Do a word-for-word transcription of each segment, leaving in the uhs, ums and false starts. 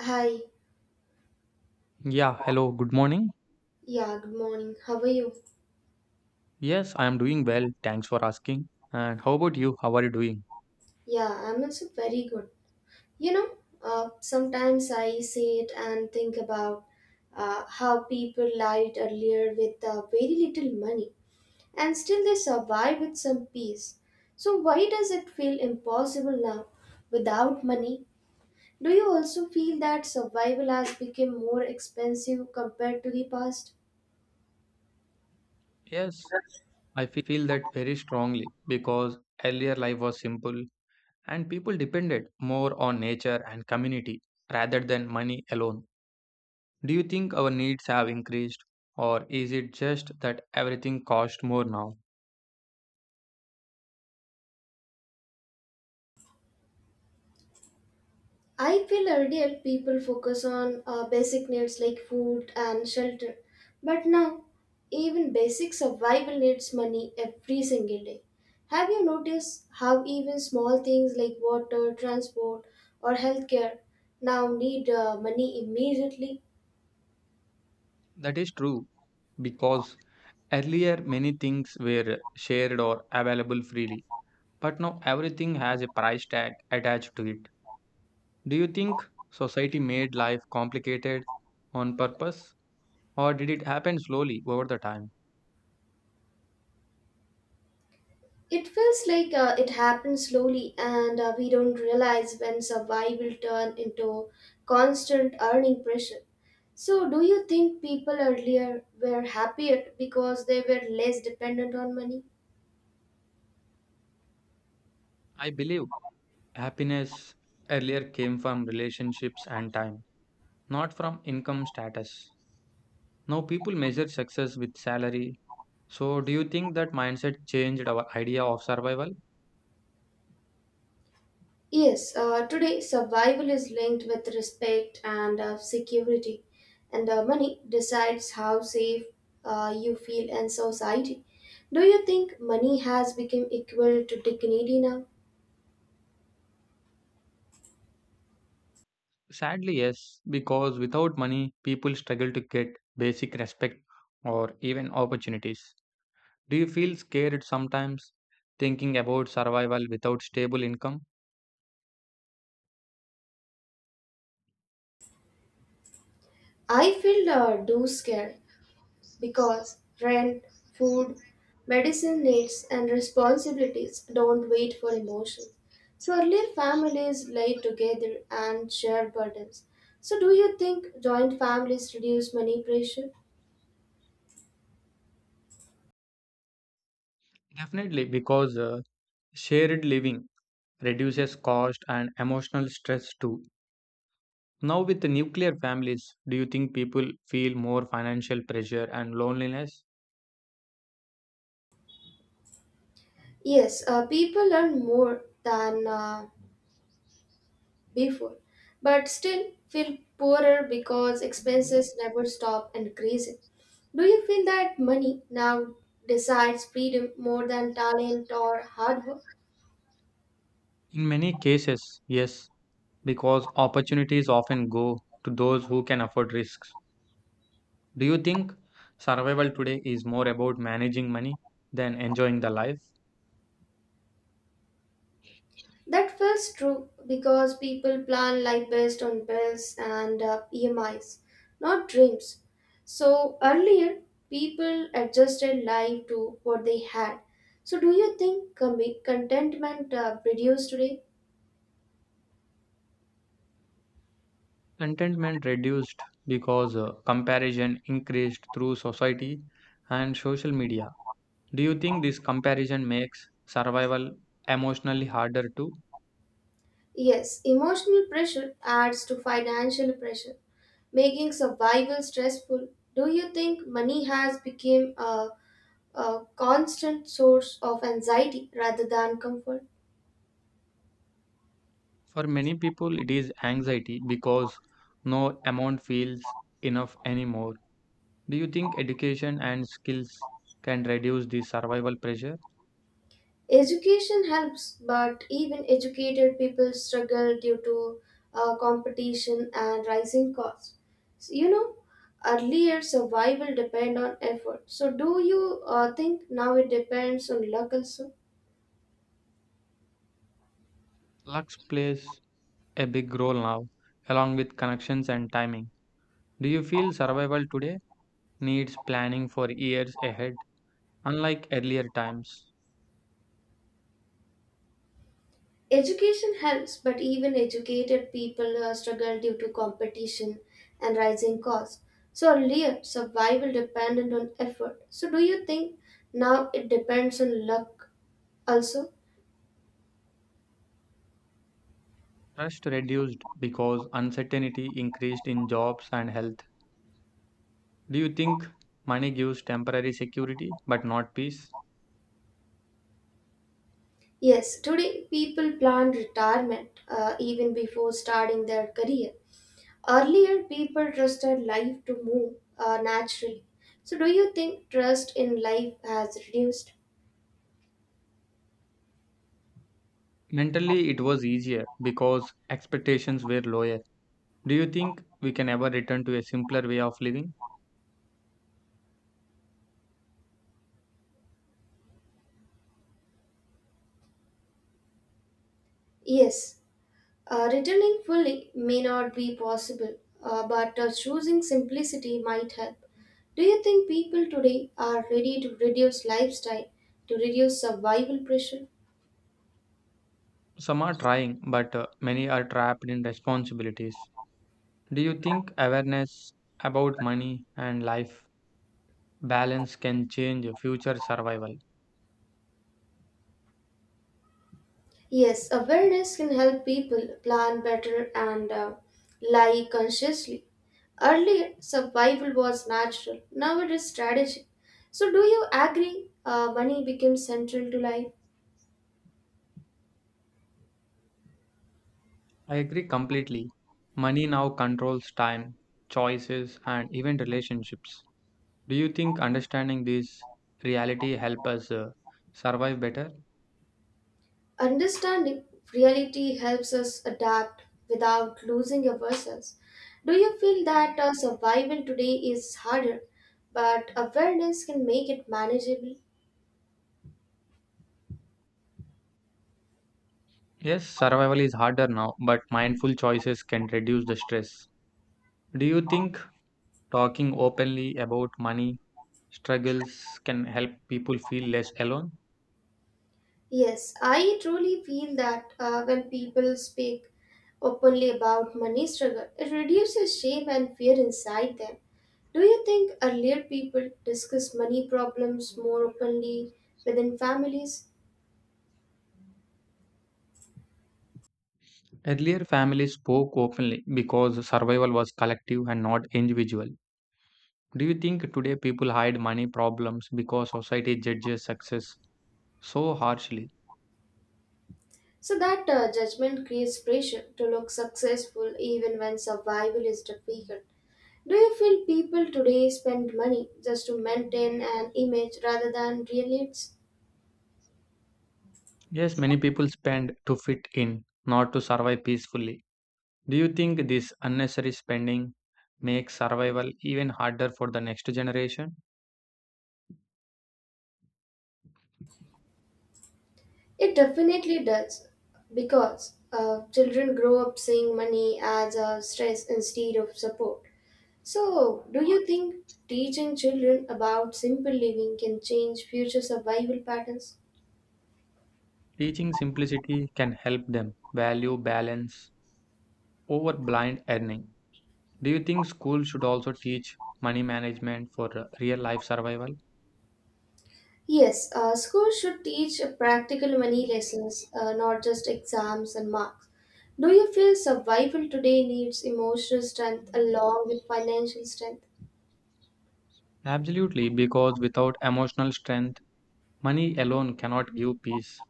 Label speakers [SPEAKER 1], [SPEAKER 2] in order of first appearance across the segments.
[SPEAKER 1] Hi.
[SPEAKER 2] Yeah, hello, good morning.
[SPEAKER 1] Yeah, good morning. How are you?
[SPEAKER 2] Yes, I am doing well. Thanks for asking. And how about you? How are you doing?
[SPEAKER 1] Yeah, I'm also very good. You know, uh, sometimes I sit and think about uh, how people lived earlier with uh, very little money, and still they survive with some peace. So, why does it feel impossible now without money? Do you also feel that survival has become more expensive compared to the past?
[SPEAKER 2] Yes, I feel that very strongly because earlier life was simple and people depended more on nature and community rather than money alone. Do you think our needs have increased or is it just that everything costs more now?
[SPEAKER 1] I feel earlier people focus on uh, basic needs like food and shelter, but now even basic survival needs money every single day. Have you noticed how even small things like water, transport, or healthcare now need uh, money immediately?
[SPEAKER 2] That is true because earlier many things were shared or available freely, but now everything has a price tag attached to it. Do you think society made life complicated on purpose, or did it happen slowly over the time?
[SPEAKER 1] It feels like uh, it happens slowly, and uh, we don't realize when survival turn into constant earning pressure. So, do you think people earlier were happier because they were less dependent on money?
[SPEAKER 2] I believe happiness earlier came from relationships and time, not from income status. Now people measure success with salary. So, do you think that mindset changed our idea of survival?
[SPEAKER 1] Yes, uh, today survival is linked with respect and uh, security, and uh, money decides how safe uh, you feel in society. Do you think money has become equal to dignity now?
[SPEAKER 2] Sadly, yes, because without money, people struggle to get basic respect or even opportunities. Do you feel scared sometimes thinking about survival without stable income?
[SPEAKER 1] I feel uh, do scare, because rent, food, medicine needs, and responsibilities don't wait for emotions. So earlier families lay together and shared burdens. So do you think joint families reduce money pressure?
[SPEAKER 2] Definitely, because uh, shared living reduces cost and emotional stress too. Now, with the nuclear families, do you think people feel more financial pressure and loneliness?
[SPEAKER 1] Yes, uh, people earn more than uh, before, but still feel poorer because expenses never stop increasing. Do you feel that money now decides freedom more than talent or hard work?
[SPEAKER 2] In many cases, yes, because opportunities often go to those who can afford risks. Do you think survival today is more about managing money than enjoying the life?
[SPEAKER 1] That feels true because people plan life based on bills and uh, E M Is, not dreams. So earlier, people adjusted life to what they had. So, do you think com- contentment uh, reduced today?
[SPEAKER 2] Contentment reduced because uh, comparison increased through society and social media. Do you think this comparison makes survival emotionally harder too?
[SPEAKER 1] Yes, emotional pressure adds to financial pressure, making survival stressful. Do you think money has become a, a constant source of anxiety rather than comfort?
[SPEAKER 2] For many people, it is anxiety because no amount feels enough anymore. Do you think education and skills can reduce the survival pressure?
[SPEAKER 1] Education helps, but even educated people struggle due to uh, competition and rising costs. So, you know, earlier survival depend on effort. So, do you uh, think now it depends on luck also?
[SPEAKER 2] Luck plays a big role now, along with connections and timing. Do you feel survival today needs planning for years ahead? Unlike earlier times,
[SPEAKER 1] Education helps, but even educated people uh, struggle due to competition and rising costs. So, earlier survival depended on effort. So, do you think now it depends on luck also?
[SPEAKER 2] trust reduced because uncertainty increased in jobs and health. Do you think money gives temporary security but not peace?
[SPEAKER 1] Yes, today people plan retirement uh, even before starting their career. Earlier, people trusted life to move uh, naturally. So, do you think trust in life has reduced?
[SPEAKER 2] Mentally, it was easier because expectations were lower. Do you think we can ever return to a simpler way of living?
[SPEAKER 1] Yes, uh, returning fully may not be possible, uh, but uh, choosing simplicity might help. Do you think people today are ready to reduce lifestyle, to reduce survival pressure?
[SPEAKER 2] Some are trying, but uh, many are trapped in responsibilities. Do you think awareness about money and life balance can change future survival?
[SPEAKER 1] Yes, awareness can help people plan better and uh, lie consciously. Earlier, survival was natural. Now it is strategic. So, do you agree uh, money becomes central to life?
[SPEAKER 2] I agree completely. Money now controls time, choices, and even relationships. Do you think understanding this reality help us uh, survive better?
[SPEAKER 1] Understanding reality helps us adapt without losing ourselves. Do you feel that uh, survival today is harder, but awareness can make it manageable?
[SPEAKER 2] Yes, survival is harder now, but mindful choices can reduce the stress. Do you think talking openly about money struggles can help people feel less alone?
[SPEAKER 1] Yes, I truly feel that uh, when people speak openly about money struggle, it reduces shame and fear inside them. Do you think earlier people discuss money problems more openly within families?
[SPEAKER 2] Earlier, families spoke openly because survival was collective and not individual. Do you think today people hide money problems because society judges success so harshly?
[SPEAKER 1] So that uh, judgment creates pressure to look successful even when survival is difficult. Do you feel people today spend money just to maintain an image rather than real needs?
[SPEAKER 2] Yes, many people spend to fit in, not to survive peacefully. Do you think this unnecessary spending makes survival even harder for the next generation?
[SPEAKER 1] It definitely does because uh, children grow up seeing money as a stress instead of support. So, do you think teaching children about simple living can change future survival patterns?
[SPEAKER 2] Teaching simplicity can help them value balance over blind earning. Do you think school should also teach money management for uh, real life survival?
[SPEAKER 1] Yes, uh, schools should teach practical money lessons, uh, not just exams and marks. Do you feel survival today needs emotional strength along with financial strength?
[SPEAKER 2] Absolutely, because without emotional strength, money alone cannot give peace.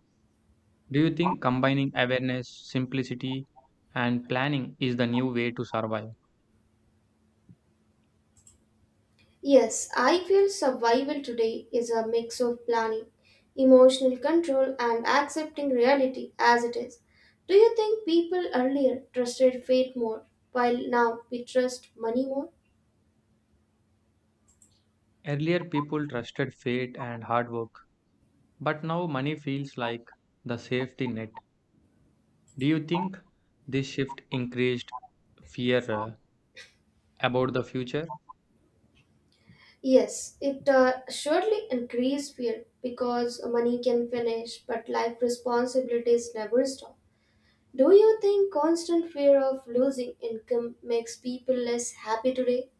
[SPEAKER 2] Do you think combining awareness, simplicity, and planning is the new way to survive?
[SPEAKER 1] Yes, I feel survival today is a mix of planning, emotional control, and accepting reality as it is. Do you think people earlier trusted fate more, while now we trust money more?
[SPEAKER 2] Earlier, people trusted fate and hard work, but now money feels like the safety net. Do you think this shift increased fear uh, about the future?
[SPEAKER 1] Yes, it uh, surely increased fear because money can finish, but life responsibilities never stop. Do you think constant fear of losing income makes people less happy today?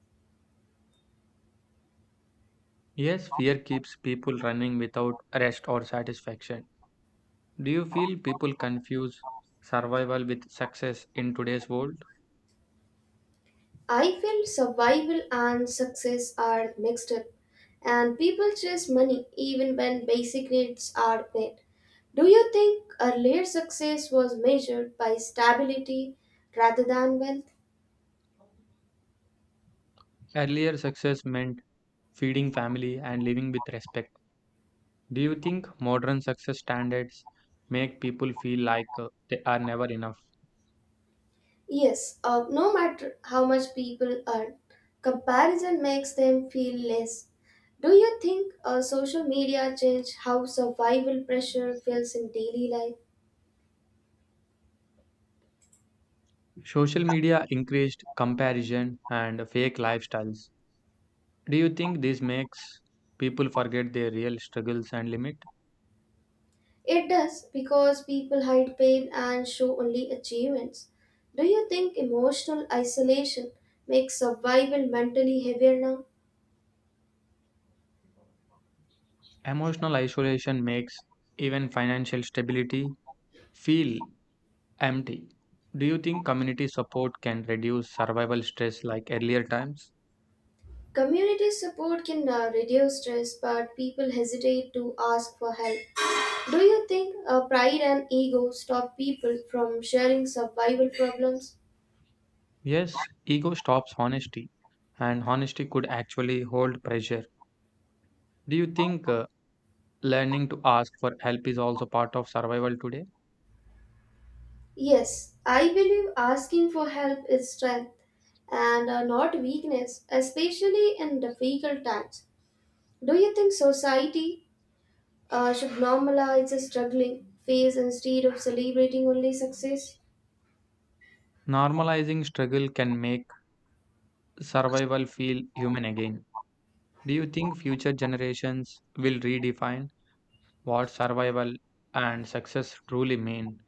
[SPEAKER 2] Yes, fear keeps people running without rest or satisfaction. Do you feel people confuse survival with success in today's world?
[SPEAKER 1] I feel survival and success are mixed up, and people chase money even when basic needs are met. Do you think earlier success was measured by stability rather than wealth?
[SPEAKER 2] Earlier, success meant feeding family, and living with respect. Do you think modern success standards make people feel like uh, they are never enough?
[SPEAKER 1] Yes, uh, no matter how much people earn, comparison makes them feel less. Do you think uh, social media changed how survival pressure feels in daily life?
[SPEAKER 2] Social media increased comparison and fake lifestyles. Do you think this makes people forget their real struggles and limit?
[SPEAKER 1] It does because people hide pain and show only achievements. Do you think emotional isolation makes survival mentally heavier now?
[SPEAKER 2] Emotional isolation makes even financial stability feel empty. Do you think community support can reduce survival stress like earlier times?
[SPEAKER 1] Community support can uh, reduce stress, but people hesitate to ask for help. Do you think uh, pride and ego stop people from sharing survival problems?
[SPEAKER 2] Yes, ego stops honesty, and honesty could actually hold pressure. Do you think uh, learning to ask for help is also part of survival today?
[SPEAKER 1] Yes, I believe asking for help is strength and uh, not weakness, especially in difficult times. Do you think society uh, should normalize the struggling phase instead of celebrating only success.
[SPEAKER 2] Normalizing struggle can make survival feel human again. Do you think future generations will redefine what survival and success truly mean?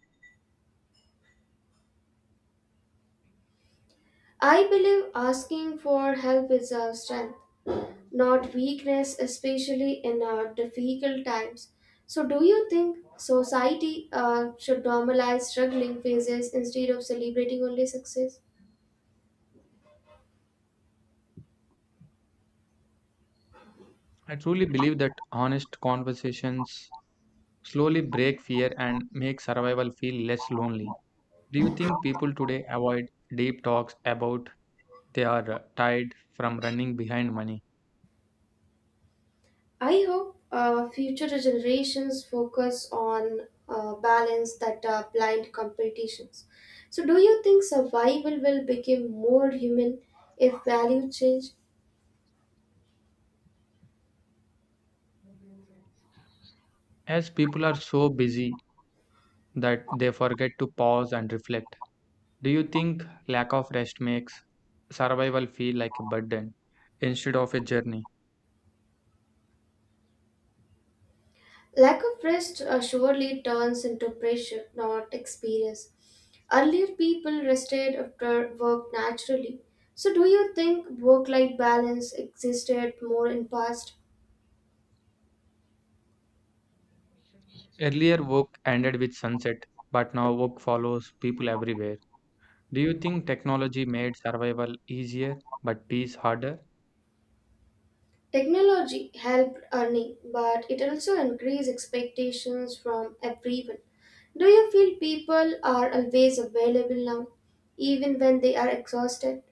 [SPEAKER 1] I believe asking for help is our strength, not weakness, especially in our difficult times. So, do you think society uh, should normalize struggling phases instead of celebrating only success?
[SPEAKER 2] I truly believe that honest conversations slowly break fear and make survival feel less lonely. Do you think people today avoid deep talks about they are uh, tired from running behind money?
[SPEAKER 1] I hope uh, future generations focus on uh, balance that are blind competitions. So, do you think survival will become more human if value change?
[SPEAKER 2] As people are so busy that they forget to pause and reflect. Do you think lack of rest makes survival feel like a burden instead of a journey?
[SPEAKER 1] Lack of rest uh, surely turns into pressure, not experience. Earlier, people rested after work naturally. So, do you think work-life balance existed more in past?
[SPEAKER 2] Earlier, work ended with sunset, but now work follows people everywhere. Do you think technology made survival easier but peace harder?
[SPEAKER 1] Technology helped earning, but it also increased expectations from everyone. Do you feel people are always available now, even when they are exhausted?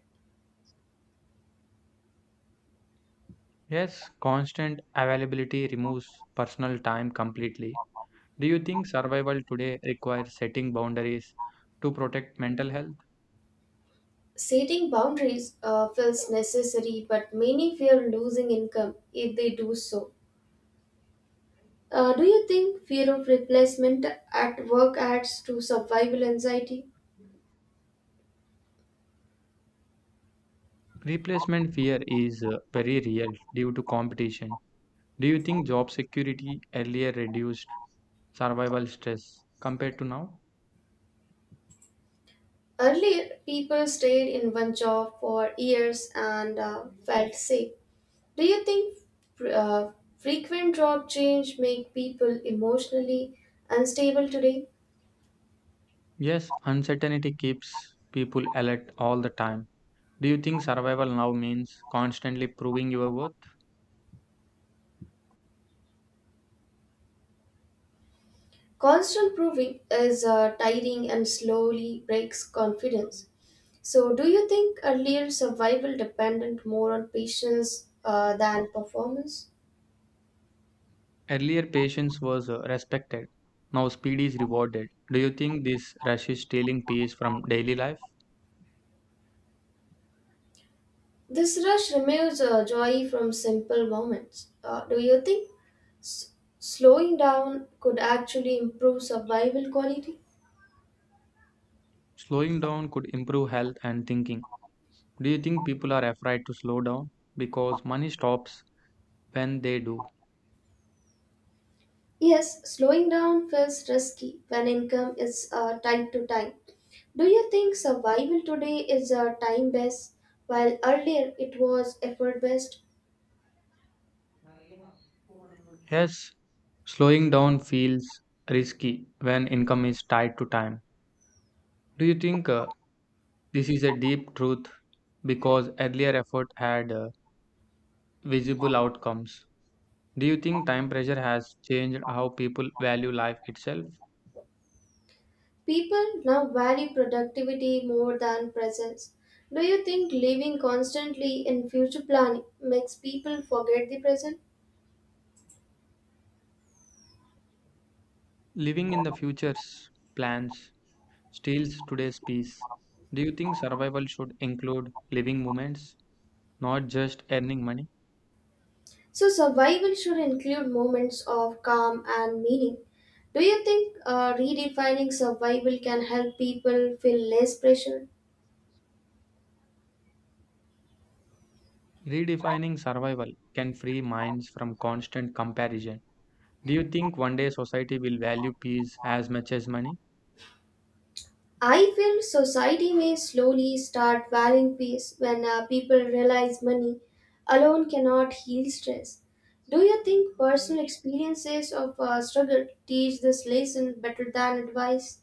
[SPEAKER 2] Yes, constant availability removes personal time completely. Do you think survival today requires setting boundaries to protect mental health?
[SPEAKER 1] Setting boundaries uh, feels necessary, but many fear losing income if they do so. Uh, do you think fear of replacement at work adds to survival anxiety?
[SPEAKER 2] Replacement fear is uh, very real due to competition. Do you think job security earlier reduced survival stress compared to now?
[SPEAKER 1] Earlier, people stayed in one job for years and uh, felt safe. Do you think uh, frequent job change make people emotionally unstable today?
[SPEAKER 2] Yes, uncertainty keeps people alert all the time. Do you think survival now means constantly proving your worth?
[SPEAKER 1] Constant proving is uh, tiring and slowly breaks confidence. So, do you think earlier survival depended more on patience uh, than performance?
[SPEAKER 2] Earlier, patience was uh, respected. Now, speed is rewarded. Do you think this rush is stealing peace from daily life?
[SPEAKER 1] This rush removes uh, joy from simple moments. Uh, do you think s- slowing down could actually improve survival quality?
[SPEAKER 2] Slowing down could improve health and thinking. Do you think people are afraid to slow down because money stops when they do?
[SPEAKER 1] Yes, slowing down feels risky when income is uh, tied to time. Do you think survival today is uh, time based, while earlier it was effort based?
[SPEAKER 2] Yes, slowing down feels risky when income is tied to time. Do you think uh, this is a deep truth because earlier effort had uh, visible outcomes? Do you think time pressure has changed how people value life itself?
[SPEAKER 1] People now value productivity more than presence. Do you think living constantly in future planning makes people forget the present?
[SPEAKER 2] Living in the future's plans steals today's peace. Do you think survival should include living moments, not just earning money?
[SPEAKER 1] So, survival should include moments of calm and meaning. Do you think uh, redefining survival can help people feel less pressure?
[SPEAKER 2] Redefining survival can free minds from constant comparison. Do you think one day society will value peace as much as money?
[SPEAKER 1] I feel society may slowly start valuing peace when uh, people realize money alone cannot heal stress. Do you think personal experiences of uh, struggle teach this lesson better than advice?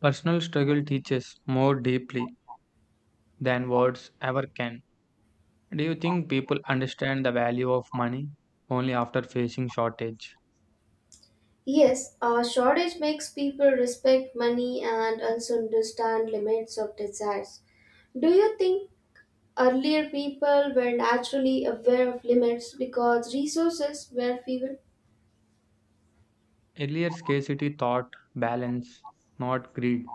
[SPEAKER 2] Personal struggle teaches more deeply than words ever can. Do you think people understand the value of money only after facing shortage?
[SPEAKER 1] Yes, a shortage makes people respect money and also understand limits of desires. Do you think earlier people were naturally aware of limits because resources were fewer?
[SPEAKER 2] Earlier scarcity taught balance, not greed.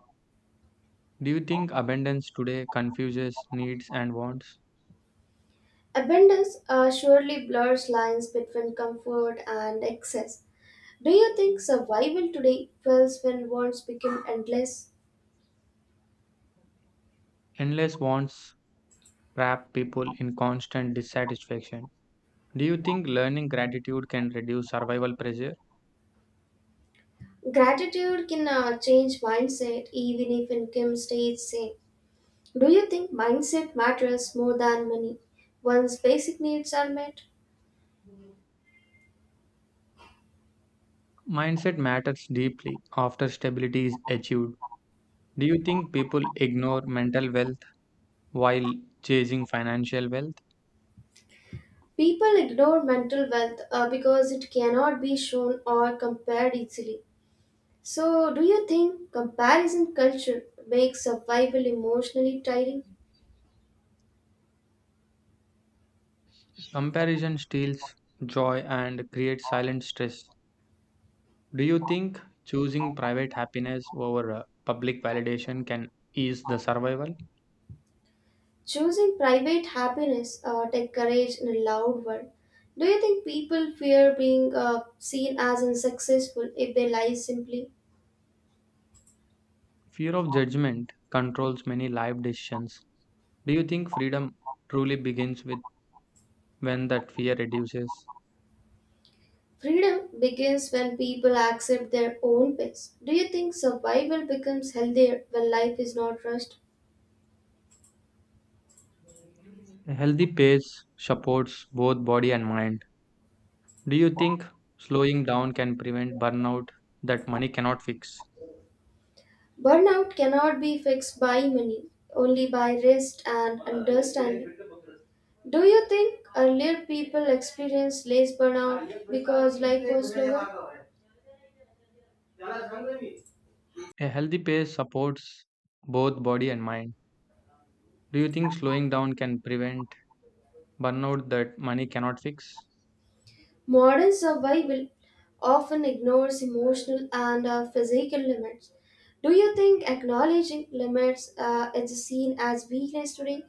[SPEAKER 2] Do you think abundance today confuses needs and wants?
[SPEAKER 1] Abundance uh, surely blurs lines between comfort and excess. Do you think survival today fails when wants become endless?
[SPEAKER 2] Endless wants trap people in constant dissatisfaction. Do you think learning gratitude can reduce survival pressure?
[SPEAKER 1] Gratitude can uh, change mindset even if income stays same. Do you think mindset matters more than money? Once basic needs are met,
[SPEAKER 2] Mindset matters deeply after stability is achieved. Do you think people ignore mental wealth while chasing financial wealth?
[SPEAKER 1] people ignore mental wealth uh, because it cannot be shown or compared easily. So, do you think comparison culture makes survival emotionally tiring?
[SPEAKER 2] Comparison steals joy and creates silent stress. Do you think choosing private happiness over uh, public validation can ease the survival?
[SPEAKER 1] Choosing private happiness uh, takes courage in a loud world. Do you think people fear being uh, seen as unsuccessful if they lie simply?
[SPEAKER 2] Fear of judgment controls many life decisions. Do you think freedom truly begins with when that fear reduces?
[SPEAKER 1] Freedom begins when people accept their own pace. Do you think survival becomes healthier when life is not rushed?
[SPEAKER 2] A healthy pace supports both body and mind. Do you think slowing down can prevent burnout that money cannot fix?
[SPEAKER 1] Burnout cannot be fixed by money, only by rest and understanding. Do you think earlier people experienced less burnout because life was slower?
[SPEAKER 2] A healthy pace supports both body and mind. Do you think slowing down can prevent burnout that money cannot fix?
[SPEAKER 1] Modern survival often ignores emotional and uh, physical limits. Do you think acknowledging limits uh, is seen as weakness today?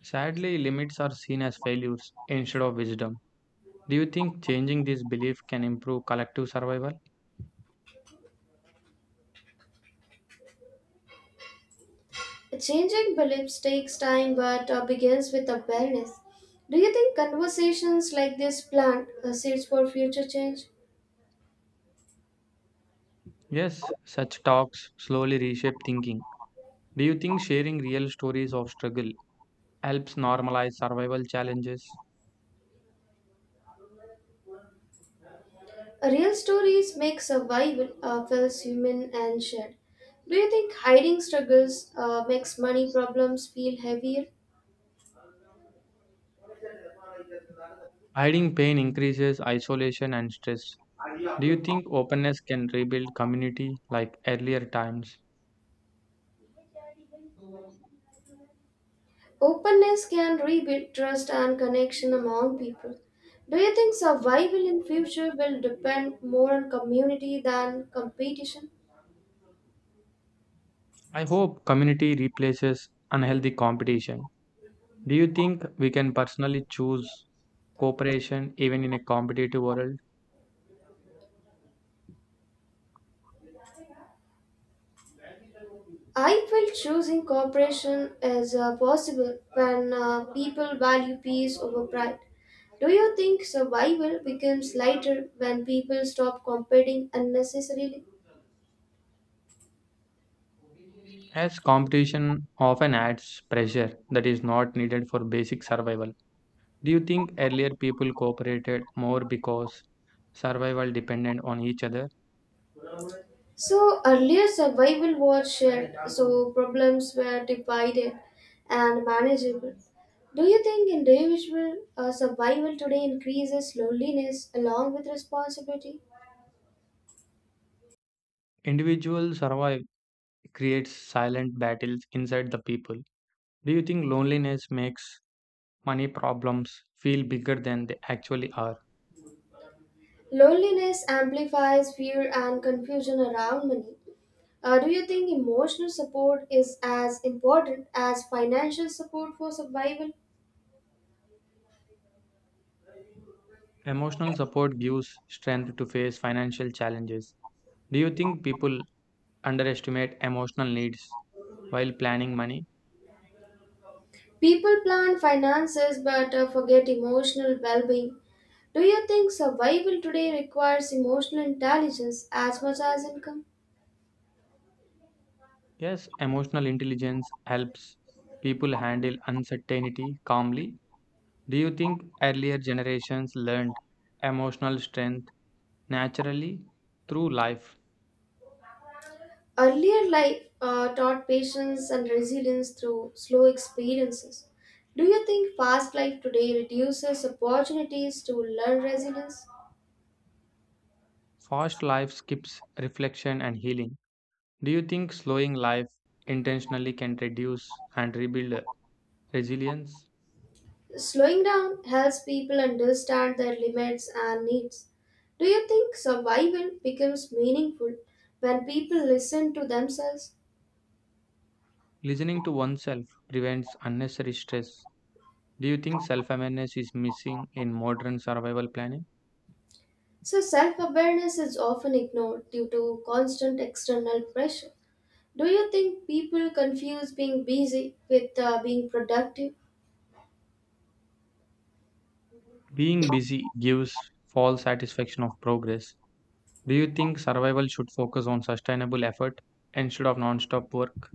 [SPEAKER 2] Sadly, limits are seen as failures instead of wisdom. Do you think changing this belief can improve collective survival?
[SPEAKER 1] Changing beliefs takes time but uh, begins with awareness. Do you think conversations like this plant uh, seeds for future change?
[SPEAKER 2] Yes, such talks slowly reshape thinking. Do you think sharing real stories of struggle helps normalize survival challenges?
[SPEAKER 1] Real stories make survival uh, feels human and shared. Do you think hiding struggles uh, makes money problems feel heavier?
[SPEAKER 2] Hiding pain increases isolation and stress. Do you think openness can rebuild community like earlier times?
[SPEAKER 1] Openness can rebuild trust and connection among people. Do you think survival in future will depend more on community than competition?
[SPEAKER 2] I hope community replaces unhealthy competition. Do you think we can personally choose cooperation even in a competitive world?
[SPEAKER 1] I feel choosing cooperation is uh, possible when uh, people value peace over pride. Do you think survival becomes lighter when people stop competing unnecessarily?
[SPEAKER 2] As competition often adds pressure that is not needed for basic survival. Do you think earlier people cooperated more because survival depended on each other?
[SPEAKER 1] So earlier survival was shared, so problems were divided and manageable. Do you think individual uh, survival today increases loneliness along with responsibility?
[SPEAKER 2] Individual survival creates silent battles inside the people. Do you think loneliness makes money problems feel bigger than they actually are?
[SPEAKER 1] Loneliness amplifies fear and confusion around money. Uh, do you think emotional support is as important as financial support for survival?
[SPEAKER 2] Emotional support gives strength to face financial challenges. Do you think people underestimate emotional needs while planning money?
[SPEAKER 1] People plan finances but uh, forget emotional well being. Do you think survival today requires emotional intelligence as much as income?
[SPEAKER 2] Yes, emotional intelligence helps people handle uncertainty calmly. Do you think earlier generations learned emotional strength naturally through life?
[SPEAKER 1] Earlier life uh, taught patience and resilience through slow experiences. Do you think fast life today reduces opportunities to learn resilience?
[SPEAKER 2] Fast life skips reflection and healing. Do you think slowing life intentionally can reduce and rebuild resilience?
[SPEAKER 1] Slowing down helps people understand their limits and needs. Do you think survival becomes meaningful when people listen to themselves?
[SPEAKER 2] Listening to oneself prevents unnecessary stress. Do you think self awareness is missing in modern survival planning?
[SPEAKER 1] So, self awareness is often ignored due to constant external pressure. Do you think people confuse being busy with uh, being productive?
[SPEAKER 2] Being busy gives false satisfaction of progress. Do you think survival should focus on sustainable effort instead of non stop work?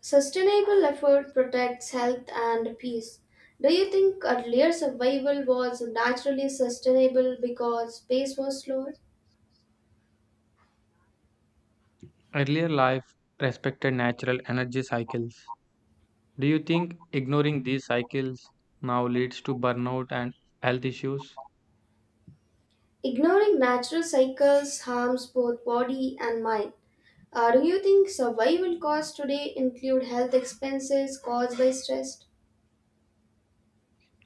[SPEAKER 1] Sustainable effort protects health and peace. Do you think earlier survival was naturally sustainable because pace was slower?
[SPEAKER 2] Earlier life respected natural energy cycles. Do you think ignoring these cycles now leads to burnout and health issues?
[SPEAKER 1] Ignoring natural cycles harms both body and mind. Uh, do you think survival costs today include health expenses caused by stress?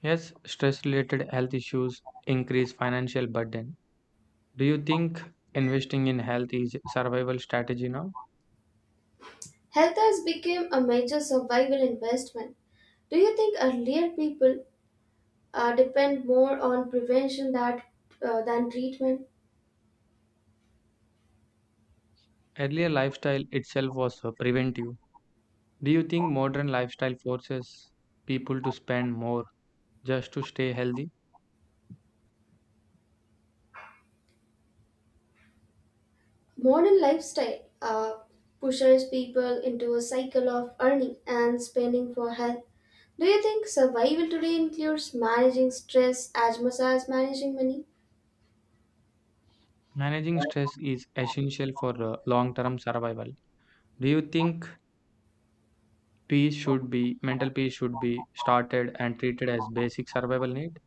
[SPEAKER 2] Yes, stress related health issues increase financial burden. Do you think investing in health is a survival strategy now?
[SPEAKER 1] Health has become a major survival investment. Do you think earlier people uh, depend more on prevention that, uh, than treatment?
[SPEAKER 2] Earlier lifestyle itself was uh, preventive. Do you think modern lifestyle forces people to spend more just to stay healthy?
[SPEAKER 1] Modern lifestyle uh, pushes people into a cycle of earning and spending for health. Do you think survival today includes managing stress as much as managing money?
[SPEAKER 2] Managing stress is essential for long term survival. Do you think peace should be mental peace should be started and treated as basic survival need.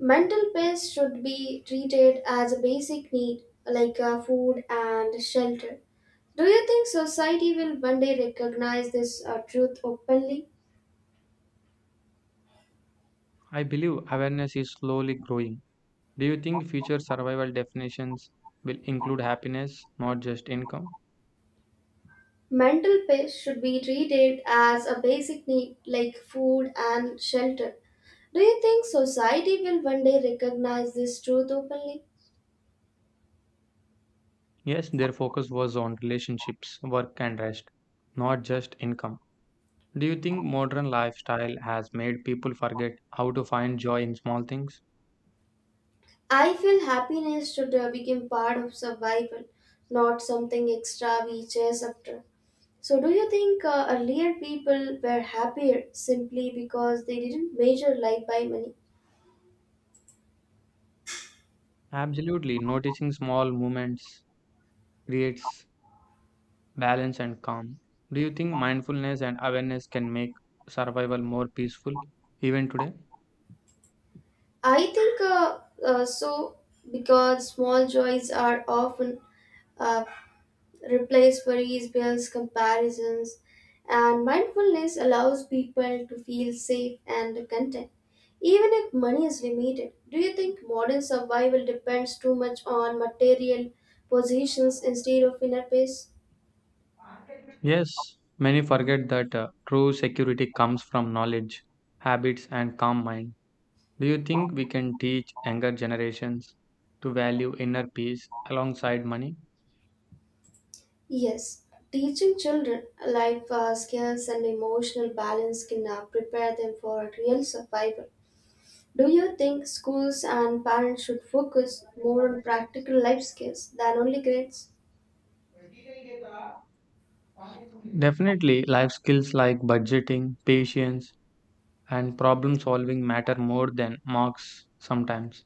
[SPEAKER 1] Mental peace should be treated as a basic need like uh, food and shelter. Do you think society will one day recognize this uh, truth openly?
[SPEAKER 2] I believe awareness is slowly growing. Do you think future survival definitions will include happiness, not just income?
[SPEAKER 1] Mental peace should be treated as a basic need like food and shelter. Do you think society will one day recognize this truth openly?
[SPEAKER 2] Yes, their focus was on relationships, work and rest, not just income. Do you think modern lifestyle has made people forget how to find joy in small things?
[SPEAKER 1] I feel happiness should uh, become part of survival, not something extra we chase after. So, do you think uh, earlier people were happier simply because they didn't measure life by money?
[SPEAKER 2] Absolutely, noticing small moments creates balance and calm. Do you think mindfulness and awareness can make survival more peaceful even today?
[SPEAKER 1] I think uh, uh, so because small joys are often uh, replaced worries, bills, comparisons, and mindfulness allows people to feel safe and content, even if money is limited. Do you think modern survival depends too much on material possessions instead of inner peace?
[SPEAKER 2] Yes, many forget that uh, true security comes from knowledge, habits, and calm mind. Do you think we can teach younger generations to value inner peace alongside money?
[SPEAKER 1] Yes, teaching children life uh, skills and emotional balance can uh, prepare them for real survival. Do you think schools and parents should focus more on practical life skills than only grades?
[SPEAKER 2] Definitely, life skills like budgeting, patience, and problem solving matter more than marks sometimes.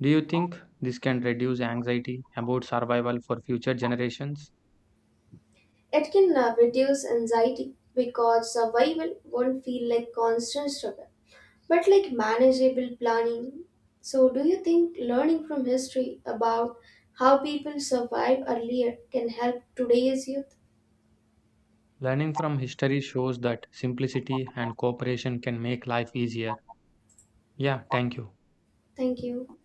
[SPEAKER 2] Do you think this can reduce anxiety about survival for future generations?
[SPEAKER 1] It can uh, reduce anxiety because survival won't feel like constant struggle, but like manageable planning. So, do you think learning from history about how people survived earlier can help today's youth?
[SPEAKER 2] Learning from history shows that simplicity and cooperation can make life easier. Yeah, thank you.
[SPEAKER 1] Thank you.